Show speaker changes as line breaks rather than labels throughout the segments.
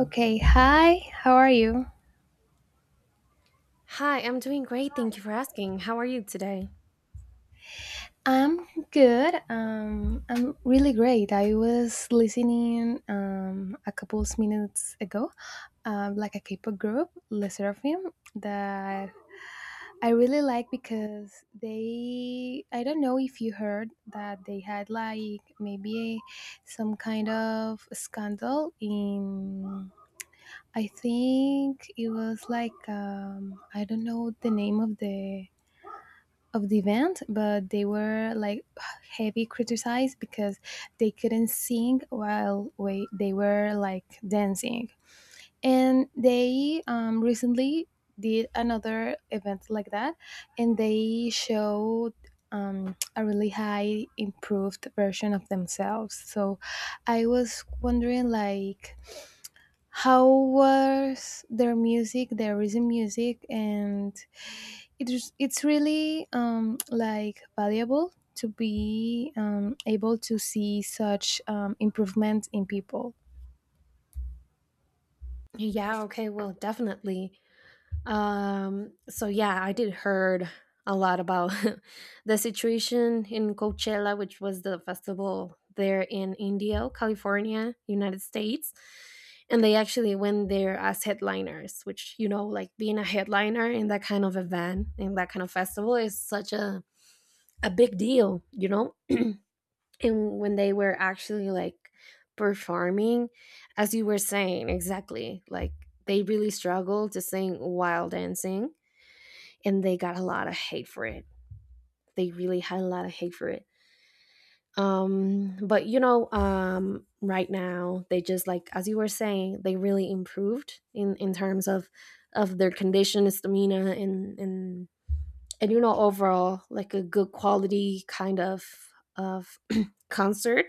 Okay, hi. How are you?
Hi, I'm doing great. Thank you for asking. How are you today?
I'm good. I'm really great. I was listening a couple of minutes ago, like a K-pop group, Le Sserafim, that I really like because they. I don't know if you heard that they had like maybe some kind of scandal in. I think it was like I don't know the name of the event, but they were like heavy criticized because they couldn't sing while they were like dancing. And they recently did another event like that, and they showed a really high improved version of themselves. So I was wondering, like, how was their music, their recent music, and it's really like valuable to be able to see such improvement in people.
Yeah, okay, well, definitely. So yeah, I did heard a lot about the situation in Coachella, which was the festival there in Indio, California, United States. And they actually went there as headliners, which, you know, like being a headliner in that kind of event, in that kind of festival is such a big deal, you know? And when they were actually like performing, as you were saying, exactly like they really struggled to sing while dancing, and they got a lot of hate for it. They really had a lot of hate for it But you know, right now, they just like, as you were saying, they really improved in terms of their condition, stamina, and you know, overall like a good quality kind of concert.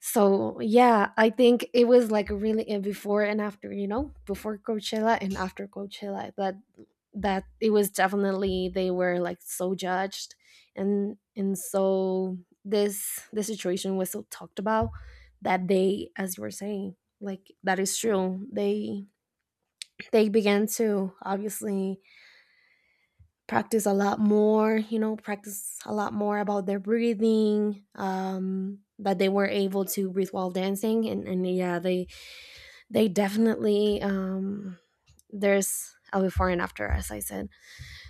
So yeah, I think it was like really a before and after, you know, before Coachella and after Coachella. That it was definitely, they were like so judged, and so this situation was so talked about that they, as you were saying, like that is true. They began to obviously practice a lot more, you know, practice a lot more about their breathing. That they were able to breathe while dancing, and yeah, they definitely there's a before and after, as I said.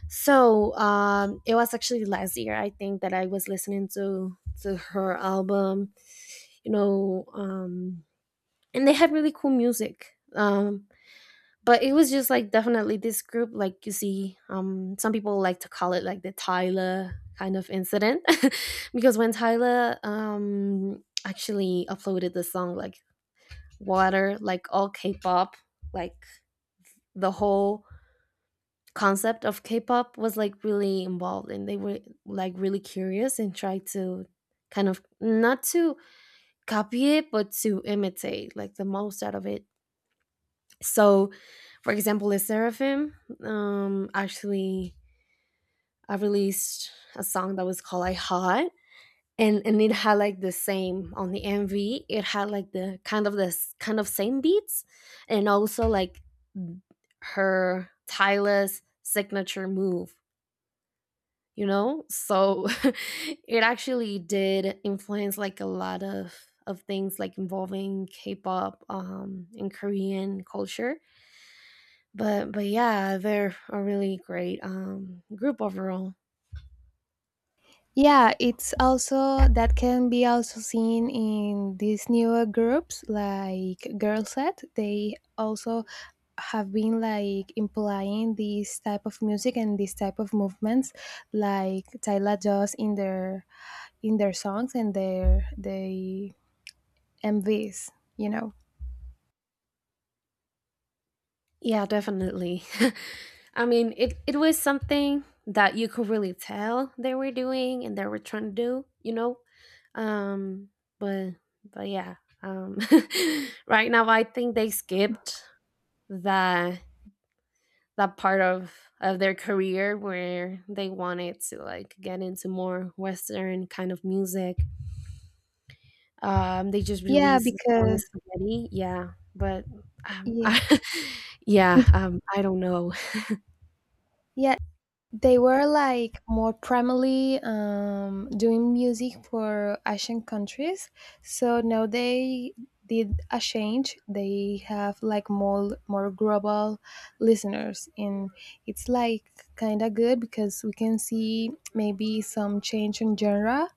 So it was actually last year, I think, that I was listening to her album, you know. And they had really cool music, but it was just like definitely this group, like you see, some people like to call it like the Tyler kind of incident. Because when Tyler actually uploaded the song like Water, like all K-pop, like the whole concept of K-pop was like really involved, and they were like really curious and tried to kind of not to copy it but to imitate like the most out of it. So for example, the Seraphim actually, I released a song that was called I Hot, and it had like the same on the MV. It had like the kind of this kind of same beats, and also like her Tyler's signature move, you know. So it actually did influence like a lot of things like involving K-pop and Korean culture. But yeah, they're a really great group overall.
Yeah, it's also that can be also seen in these newer groups like girl set. They also have been like implying this type of music and this type of movements like Tyla does in their songs and their they MVs, you know
Yeah, definitely. I mean, it was something that you could really tell they were doing and they were trying to do, you know. um but but yeah. um right now, I think they skipped the that part of their career where they wanted to like get into more Western kind of music. They just
yeah,
released the song
because
Spaghetti, yeah. But
yeah.
I yeah, I don't know.
Yeah, they were like more primarily doing music for Asian countries. So now they did a change. They have like more global listeners, and it's like kind of good because we can see maybe some change in genre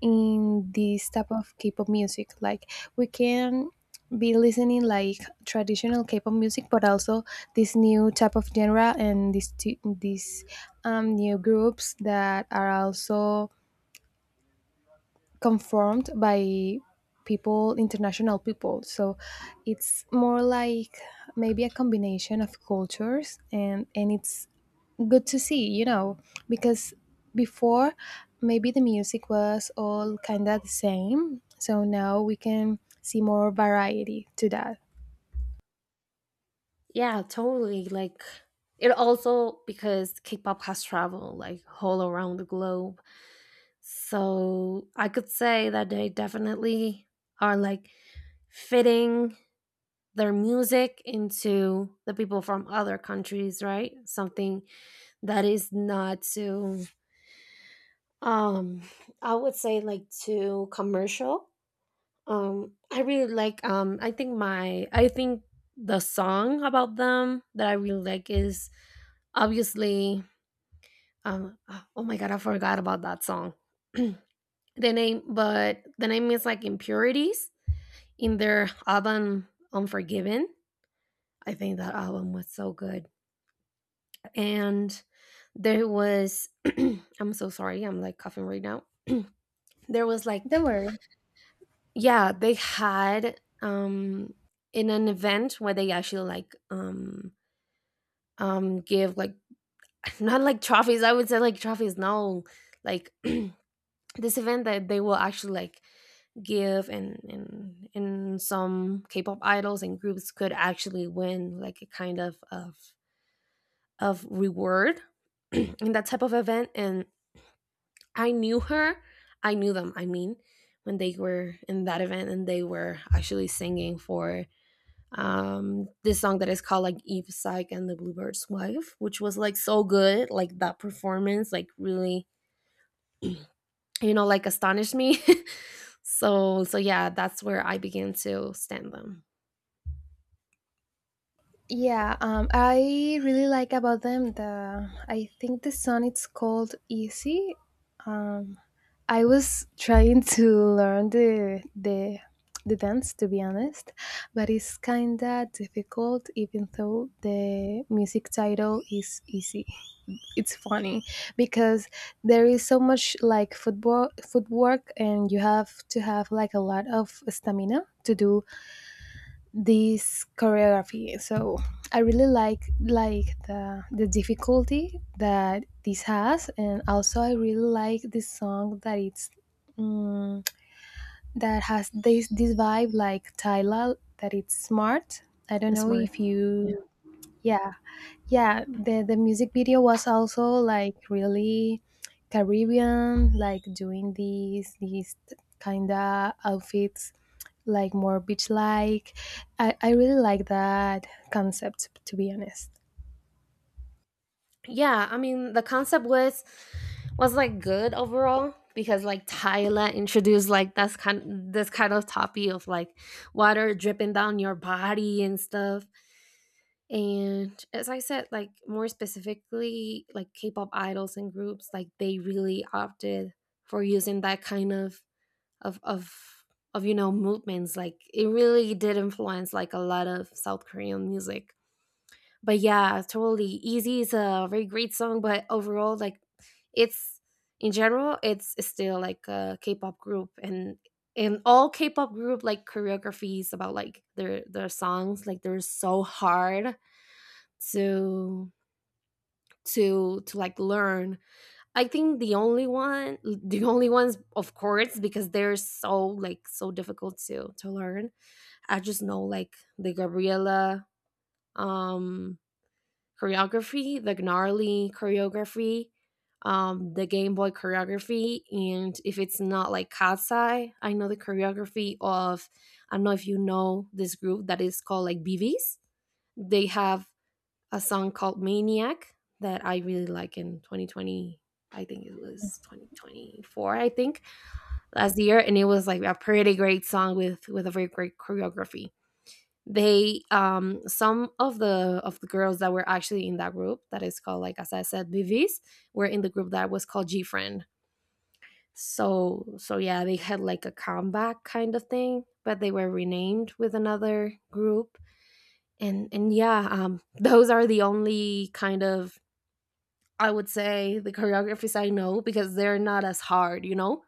in this type of K-pop music. Like we can be listening like traditional K-pop music, but also this new type of genre and these new groups that are also conformed by people, international people. So it's more like maybe a combination of cultures, and it's good to see, because before maybe the music was all kind of the same, so now we can see more variety to that.
Yeah, totally, like. It also, because K-pop has traveled like all around the globe, so I could say that they definitely are like fitting their music into the people from other countries, right? Something that is not too um I would say like too commercial. I really like I think my I think the song about them that I really like is obviously um oh my god, I forgot about that song. The name, but the name is like Impurities, in their album Unforgiven. I think that album was so good, and there was I'm so sorry, I'm like coughing right now. There was like,
Don't worry.
yeah, they had in an event where they actually like um give like not like trophies, I would say like trophies, no. Like this event that they will actually like give, and some K-pop idols and groups could actually win like a kind of of reward in that type of event. And I knew her. I knew them. I mean, when they were in that event and they were actually singing for this song that is called like Eve Psych and the Bluebird's Wife, which was like so good. Like that performance, like really, you know, like astonished me. So so yeah, that's where I began to stand them.
Yeah, I really like about them the I think the song, it's called Easy. um I was trying to learn the dance, to be honest, but it's kind of difficult even though the music title is Easy. It's funny because there is so much like football footwork, and you have to have like a lot of stamina to do this choreography. So I really like the difficulty that this has, and also I really like this song that it's mm, that has this vibe like Tyla, that it's smart. I don't
It's
know
smart.
if you. Yeah, yeah, the music video was also like really Caribbean, like doing these kind of outfits, like more beach like. I really like that concept, to be honest.
Yeah, I mean, the concept was like good overall because like Tyler introduced like that's kind this kind of topic of like water dripping down your body and stuff. And as I said, like more specifically, like K-pop idols and groups like they really opted for using that kind of of of of you know, movements, like it really did influence like a lot of South Korean music. But yeah, totally. Easy is a very great song, but overall, like it's in general, it's still like a K-pop group, and in all K-pop group like choreographies about like their songs, like they're so hard to to like learn. I think the only one, the only ones, of course, because they're so like so difficult to learn. I just know like the Gabriela um choreography, the Gnarly choreography, the Game Boy choreography, and if it's not like Cat's Eye, I know the choreography of I don't know if you know this group that is called like BBs. They have a song called Maniac that I really like in 2020. I think it was 2024. I think last year, and it was like a pretty great song with a very great choreography. They some of the girls that were actually in that group that is called, like as I said, BVs, were in the group that was called G Friend. So so yeah, they had like a comeback kind of thing, but they were renamed with another group. And yeah, those are the only kind of, I would say, the choreographies I know because they're not as hard, you know.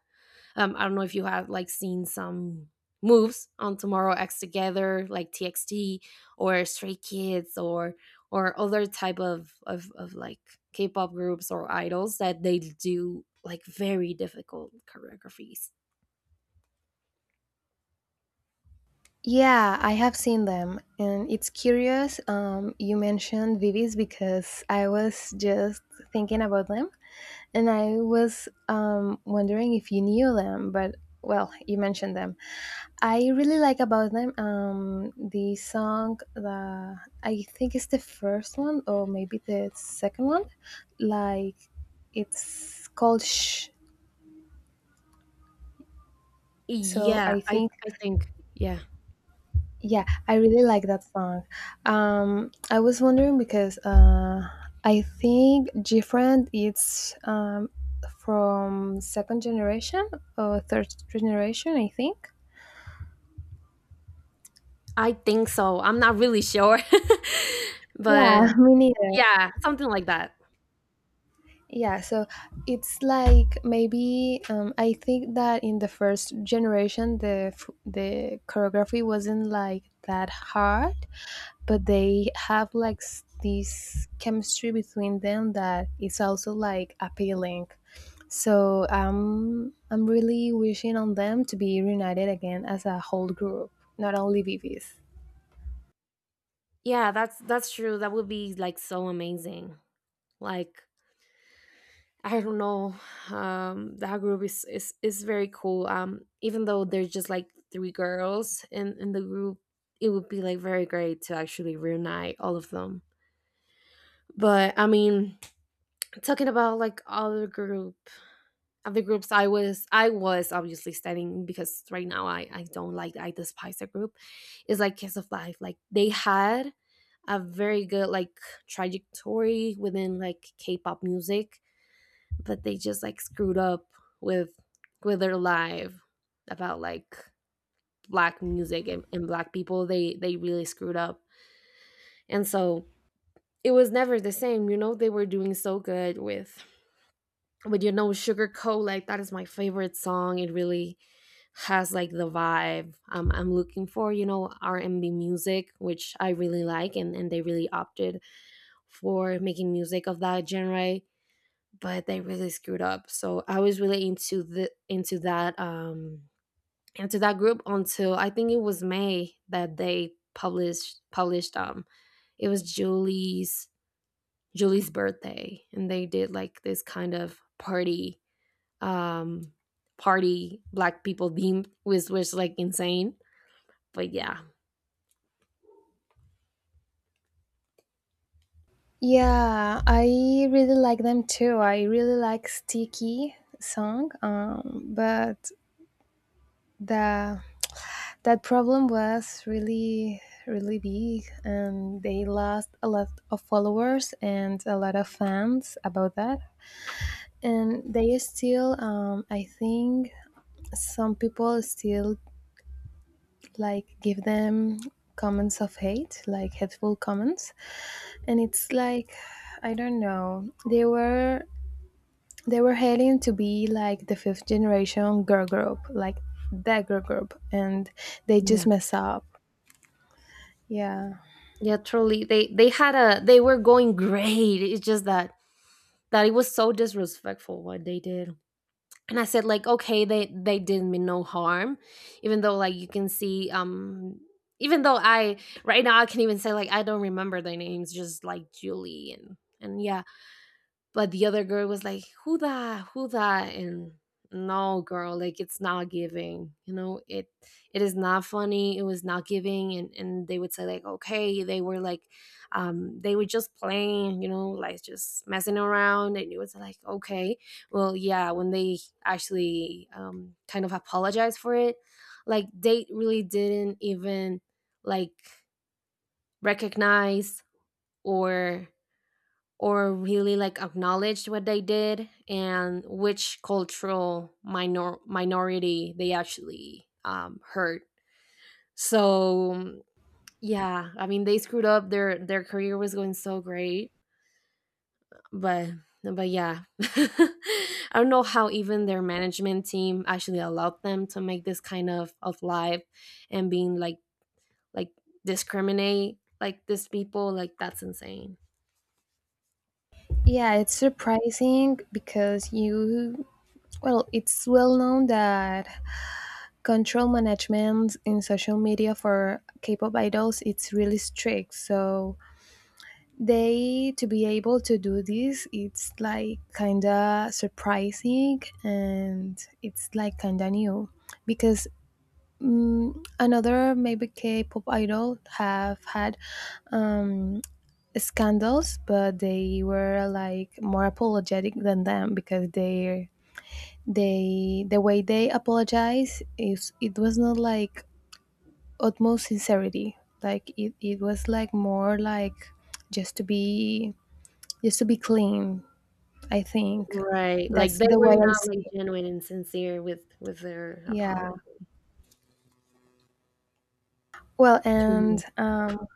Um, I don't know if you have like seen some moves on Tomorrow X Together, like TXT or Stray Kids or other type of of like K-pop groups or idols that they do like very difficult choreographies.
Yeah, I have seen them, and it's curious. You mentioned Vivis because I was just thinking about them, and I was wondering if you knew them. But well, you mentioned them. I really like about them the song the. I think it's the first one or maybe the second one. Like it's called Shh. So
Yeah,
I think.
I think yeah,
Yeah, I really like that song. I was wondering because I think different it's from second generation or third generation, I think.
I think so. I'm not really sure,
Yeah,
but
me neither.
yeah, something like that.
Yeah, so it's like maybe I think that in the first generation the choreography wasn't like that hard, but they have like this chemistry between them that is also like appealing. So I'm really wishing on them to be reunited again as a whole group, not only BBs.
Yeah, that's true. That would be like so amazing. Like I don't know. That group is very cool. Even though there's just like three girls in the group, it would be like very great to actually reunite all of them. But I mean, talking about like other group, other groups, I was obviously studying because right now I don't like I despise the group. It's like Kiss of Life. Like they had a very good like trajectory within like K-pop music, but they just like screwed up with with their live about like black music, and black people. They really screwed up, and so it was never the same, you know. They were doing so good with, you know, Sugar Coat, like that is my favorite song. It really has like the vibe, I'm looking for, you know, R&B music, which I really like, and they really opted for making music of that genre, but they really screwed up. So I was really into the into that group until I think it was May that they published it was Julie's birthday, and they did like this kind of party, um party black people theme, which was like insane. But yeah.
Yeah, I really like them too. I really like Sticky song, but the that problem was really really big, and they lost a lot of followers and a lot of fans about that. And they still I think some people still like give them comments of hate, like hateful comments. And it's like, I don't know, they were heading to be like the fifth generation girl group, like that girl group, and they just
Yeah.
mess up. Yeah.
Yeah, truly, they had a they were going great. It's just that that it was so disrespectful what they did. And I said like, okay, they did me no harm, even though like you can see, even though I right now I can even say like I don't remember their names, just like Julie and yeah, but the other girl was like, who that, who that? And no, girl, like it's not giving. You know, it is not funny. It was not giving. And they would say, like, okay, they were like, they were just playing, you know, like just messing around. And it was like, okay. Well, yeah, when they actually kind of apologized for it, like they really didn't even like recognize or or really like acknowledged what they did and which cultural minor- minority they actually hurt. So yeah, I mean they screwed up. Their career was going so great, but but yeah, I don't know how even their management team actually allowed them to make this kind of life, and being like discriminate like these people. Like that's insane.
Yeah, it's surprising because you well, it's well known that control management in social media for K-pop idols it's really strict. So they, to be able to do this, it's like kinda surprising and it's like kinda new because another maybe K-pop idol have had um, scandals, but they were like more apologetic than them because they the way they apologize is it was not like utmost sincerity. Like it was like more like just to be just to be clean, I think.
Right, like,
That's
they
the way
were
I
not, like,
see it.
genuine and sincere with their
Yeah.
apology
Well,
to
and
you.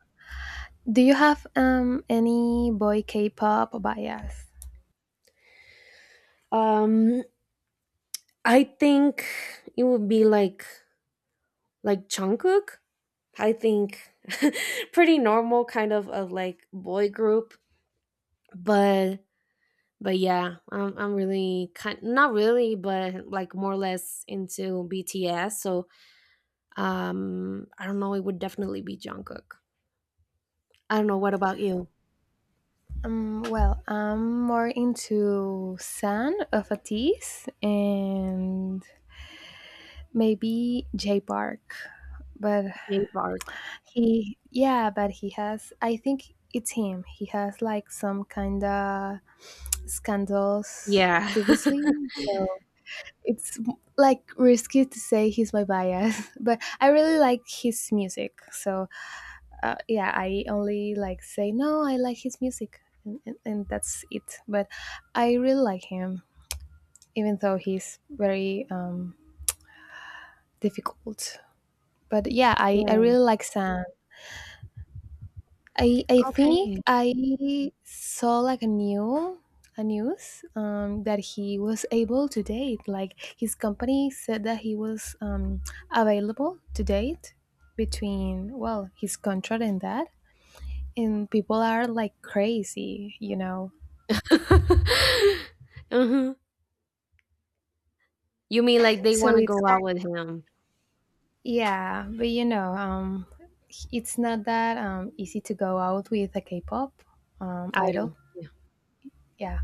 do you have any boy K-pop bias?
Um, I think it would be like Jungkook. I think pretty normal kind of a like, boy group, but but yeah, I'm really kind not really, but, like, more or less into BTS, so, I don't know, it would definitely be Jungkook. I don't know, what about you?
Well, I'm more into San of Atis and maybe J Park, but.
J Bark?
He yeah, but he has, I think it's him, he has like some kind of scandals
Yeah.
previously. So it's like risky to say he's my bias, but I really like his music. So yeah, I only like say no, I like his music, and that's it. But I really like him, even though he's very difficult. But yeah, I
Yeah,
really like Sam. I think
okay.
I saw like a news that he was able to date. Like his company said that he was available to date between, well, his contract and that, and people are like crazy.
Uh huh. You mean like they
So
wanna
it's
go out
kind,
with him.
yeah, but it's not that easy to go out with a K-pop
I
idol.
don't yeah.
Yeah.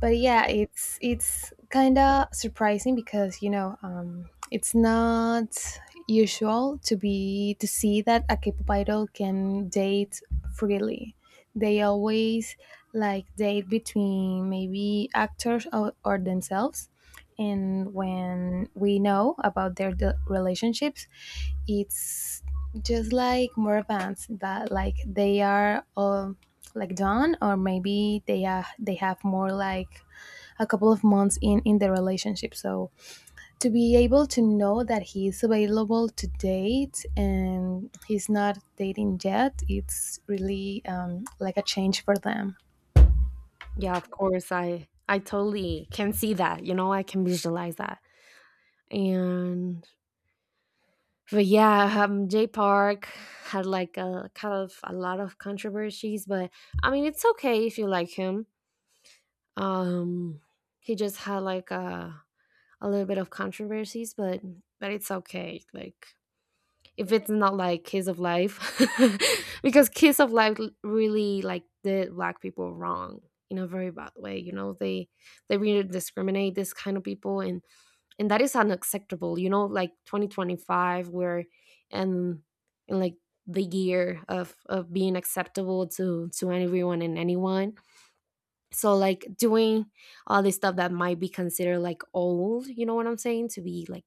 But yeah, it's kind of surprising because it's not usual to be to see that a K-pop idol can date freely. They always like date between maybe actors or themselves, and when we know about their relationships, it's just like more advanced that like they are all like done, or maybe they have more like a couple of months in the relationship. So to be able to know that he is available to date and he's not dating yet, it's really like a change for them.
Yeah, of course, I totally can see that, you know, I can visualize that. And but yeah, Jay Park had like a kind of a lot of controversies, but I mean, it's okay if you like him. Um, he just had like a little bit of controversies, but it's okay. Like if it's not like Kiss of Life, because Kiss of Life really like did black people wrong in a very bad way. You know, they really discriminate this kind of people, and that is unacceptable. You know, like 2025, where and in like the year of being acceptable to everyone and anyone. So like doing all this stuff that might be considered like old, you know what I'm saying, to be like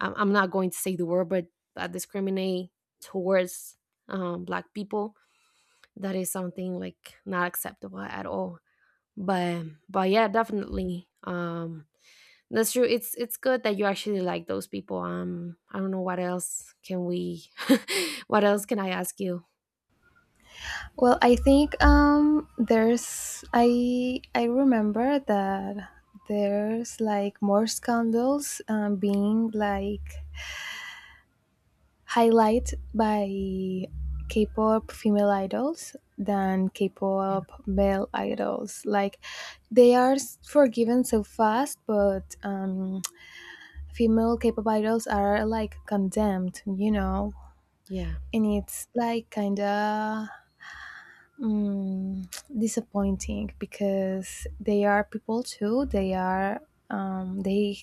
I'm not going to say the word, but that discriminate towards black people. That is something like not acceptable at all. But yeah, definitely. That's true. It's good that you actually like those people. I don't know what else can we, what else can I ask you?
Well, I think there's I remember that there's like more scandals being like highlight by K-pop female idols than
Yeah.
K-pop male idols. Like they are forgiven so fast, but female K-pop idols are like condemned.
Yeah.
And it's like kind of mm disappointing because they are people too. They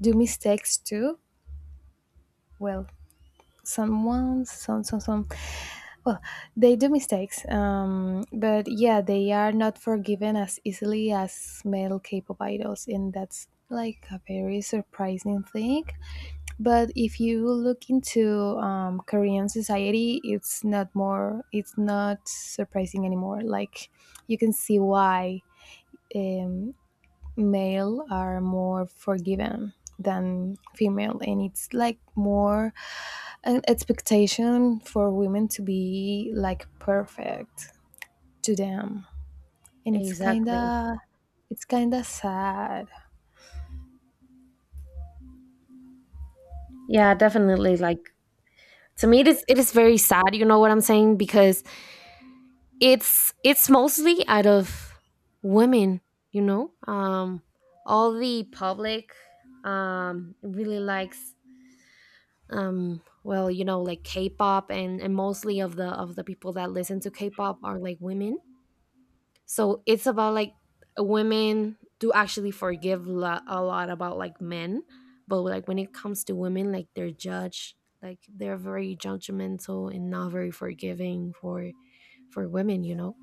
do mistakes too. Well, someone some well, they do mistakes, but yeah, they are not forgiven as easily as male K-pop idols, and that's like a very surprising thing. But if you look into Korean society, it's not more, it's not surprising anymore. Like you can see why um, male are more forgiven than female, and it's like more an expectation for women to be like perfect to them, and it's
Exactly.
kinda it's kinda sad.
Yeah, definitely. Like to me, it is very sad. You know what I'm saying? Because it's mostly out of women, you know, all the public really likes, well, you know, like K-pop, and mostly of the people that listen to K-pop are like women, so it's about like women do actually forgive a lot about like men, but like when it comes to women, like they're judged, like they're very judgmental and not very forgiving for women, you know.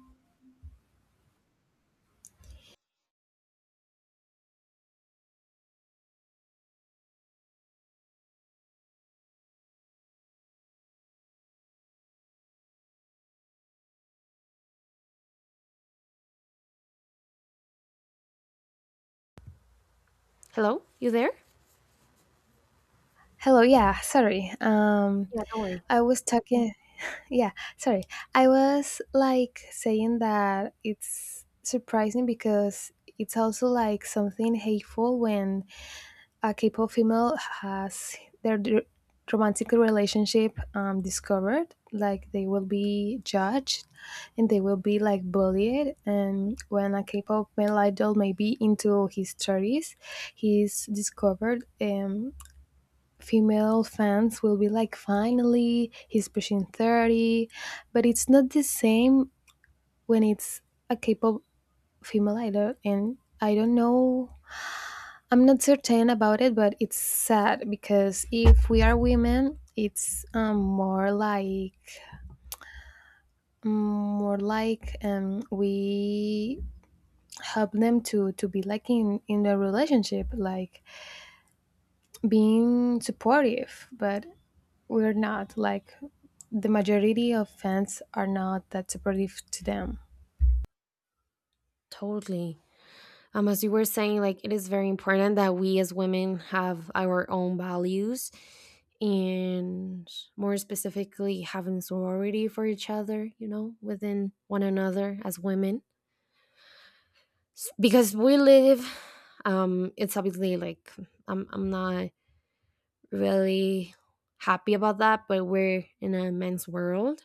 Hello, you there?
Hello. Yeah. Sorry.
Yeah, don't worry.
I was talking. Yeah, sorry, I was like saying that it's surprising because it's also like something hateful when a K-pop female has their romantic relationship discovered. Like they will be judged, and they will be like bullied. And when a K-pop male idol may be into his thirties, he's discovered, female fans will be like, finally, he's pushing 30. But it's not the same when it's a K-pop female idol, and I don't know, I'm not certain about it, but it's sad because if we are women, it's more like we help them to be like in the relationship, like being supportive. But we're not like the majority of fans are not that supportive to them.
Totally. As you were saying, like it is very important that we as women have our own values, and more specifically having sorority for each other, you know, within one another as women. Because we live, it's obviously like I'm not really happy about that, but we're in a men's world.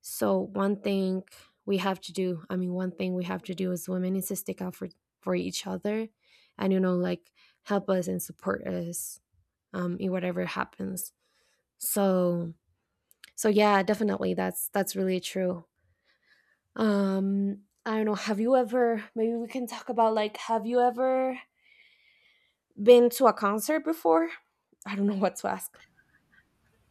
So one thing we have to do, I mean, one thing we have to do as women is to stick out for each other, and you know, like help us and support us in whatever happens. So so yeah, definitely, that's really true. I don't know. Have you ever? Maybe we can talk about like, have you ever been to a concert before? I don't know what to ask.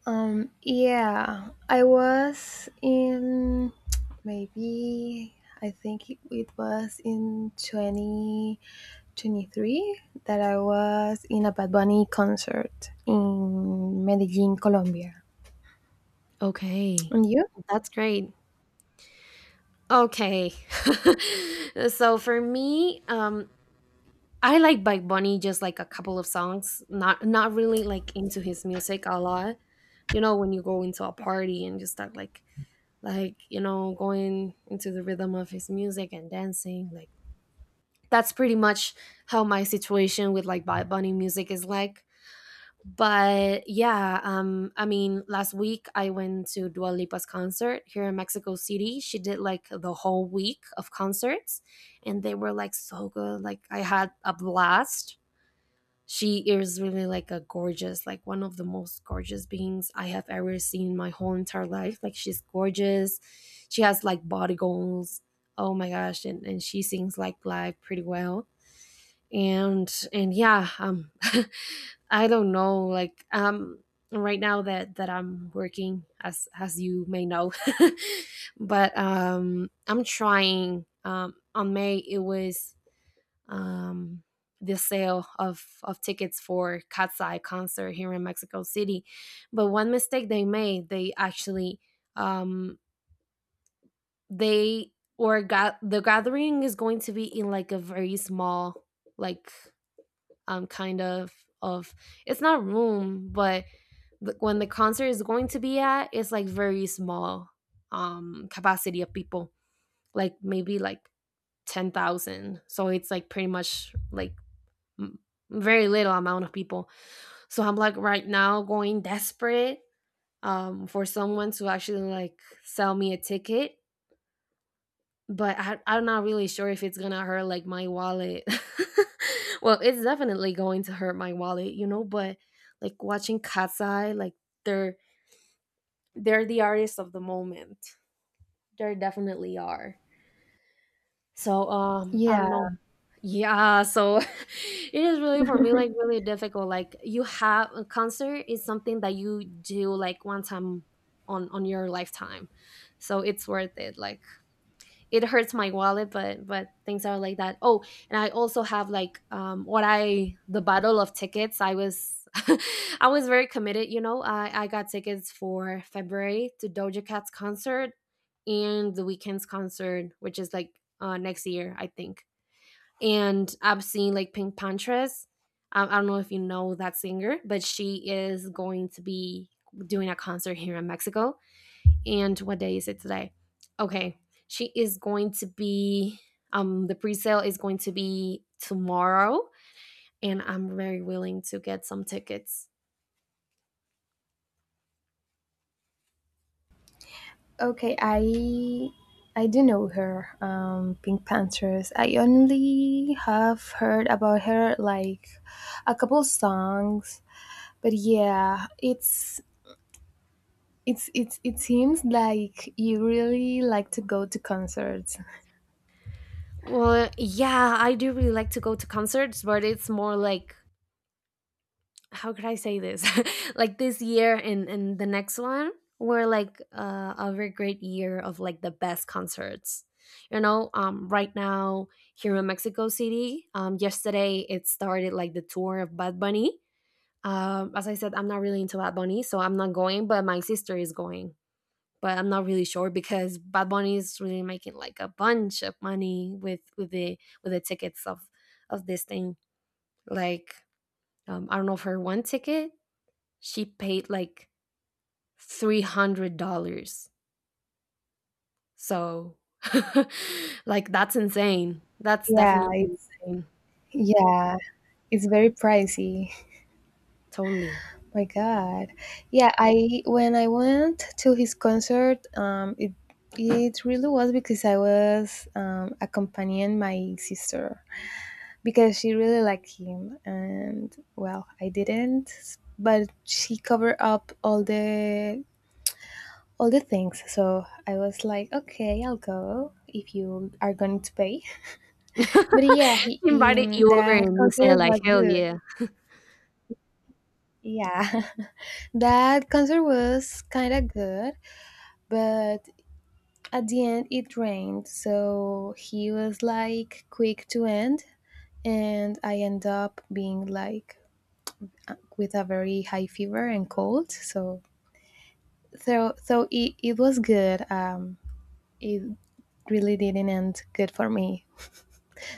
Yeah, I was in maybe, I think it was in 2023 that I was in a Bad Bunny concert in Medellin, Colombia.
Okay,
And you?
that's great. Okay. So for me, I like Bike Bunny just like a couple of songs, not not really like into his music a lot. You know, when you go into a party and just start like, you know, going into the rhythm of his music and dancing, like that's pretty much how my situation with like Bad Bunny music is like. But yeah, I mean last week I went to Dua Lipa's concert here in Mexico City. She did like the whole week of concerts and they were like so good. Like I had a blast. She is really like a gorgeous, like one of the most gorgeous beings I have ever seen in my whole entire life. Like she's gorgeous, she has like body goals. Oh my gosh. And she sings like live pretty well. And yeah, I don't know, like right now that I'm working, as you may know, but I'm trying, on May it was, um, the sale of tickets for Cat's Eye concert here in Mexico City. But one mistake they made, they actually, um, they or got the gathering is going to be in like a very small, like, kind of, it's not room but the, when the concert is going to be at, it's like very small capacity of people, like maybe like 10,000, so it's like pretty much like m- very little amount of people. So I'm like right now going desperate, for someone to actually like sell me a ticket. But I'm not really sure if it's gonna hurt like my wallet. Well, it's definitely going to hurt my wallet, you know. But like watching Katsai, like they're they're the artists of the moment. They definitely are. So I
Yeah.
don't know. Yeah, so it is really for me like really difficult. Like you have a concert is something that you do like one time on your lifetime. So it's worth it. Like it hurts my wallet, but things are like that. Oh, and I also have like what I the battle of tickets. I was I was very committed, you know. I got tickets for February to Doja Cat's concert and the weekend's concert, which is like next year, I think, and I've seen like Pink Panthers. I don't know if you know that singer, but she is going to be doing a concert here in Mexico. And what day is it today? Okay, she is going to be. The pre-sale is going to be tomorrow, and I'm very willing to get some tickets.
Okay, I do know her, Pink Panthers. I only have heard about her like a couple songs, but yeah, it's. It seems like you really like to go to concerts.
Well, yeah, I do really like to go to concerts, but it's more like how could I say this? Like this year and the next one were like a very great year of like the best concerts. You know, right now here in Mexico City, yesterday it started like the tour of Bad Bunny. As I said, I'm not really into Bad Bunny, so I'm not going, but my sister is going. But I'm not really sure because Bad Bunny is really making like a bunch of money with the tickets of this thing. Like I don't know, for one ticket she paid like $300. So, like, that's insane. That's
Yeah,
definitely
it's
insane.
yeah. It's very pricey.
Totally.
My God. Yeah, I when I went to his concert, it really was because I was accompanying my sister, because she really liked him and, well, I didn't, but she covered up all the things. So I was like, okay, I'll go if you are going to pay. But yeah,
She invited you over
that
and you
concert
said, like,
was
hell
good.
yeah.
Yeah, that concert was kind of good, but at the end it rained, so he was like quick to end, and I end up being like with a very high fever and cold. So it was good. It really didn't end good for me.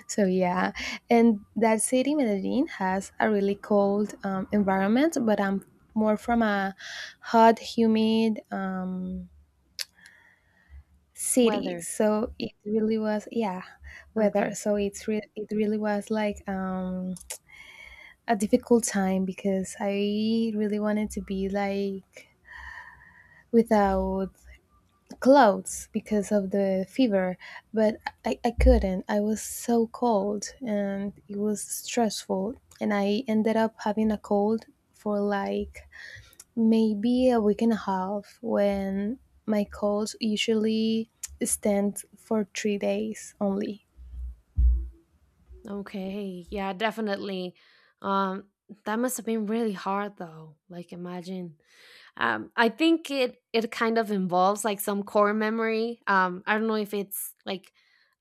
So yeah, and that city Medellin has a really cold environment, but I'm more from a hot, humid city.
Weather.
So it really was, yeah, weather.
Okay.
So it's it really was like a difficult time because I really wanted to be like without clothes because of the fever, but I couldn't. I was so cold, and it was stressful. And I ended up having a cold for like maybe a week and a half, when my colds usually stand for 3 days only.
Okay. Yeah, definitely. Um, that must have been really hard though. Like, imagine. I think it it kind of involves like some core memory. I don't know if it's like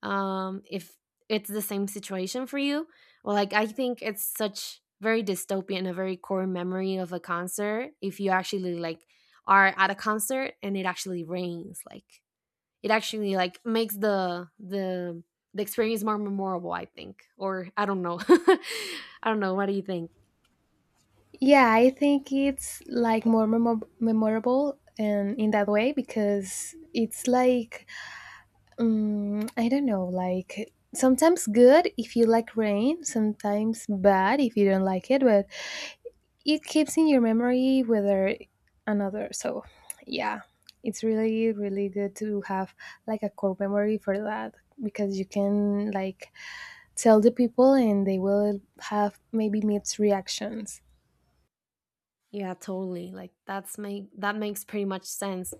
if it's the same situation for you. Well, like I think it's such very dystopian, a very core memory of a concert. If you actually like are at a concert and it actually rains, like it actually like makes the experience more memorable. I think, or I don't know, I don't know. What do you think?
Yeah, I think it's like more memorable and in that way because it's like. I don't know, like sometimes good if you like rain, sometimes bad if you don't like it, but it keeps in your memory, whether another. So yeah, it's really, really good to have like a core memory for that, because you can like tell the people and they will have maybe mixed reactions.
Yeah, totally. Like that's make that makes pretty much sense.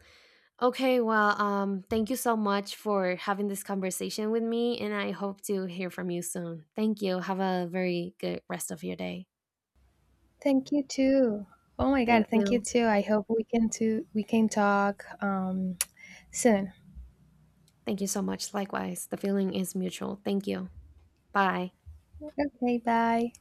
Okay, well, thank you so much for having this conversation with me, and I hope to hear from you soon. Thank you. Have a very good rest of your day.
Thank you too. Oh my God,
Thank
thank you
you.
too. I hope we can talk soon.
Thank you so much. Likewise, the feeling is mutual. Thank you. Bye.
Okay, bye.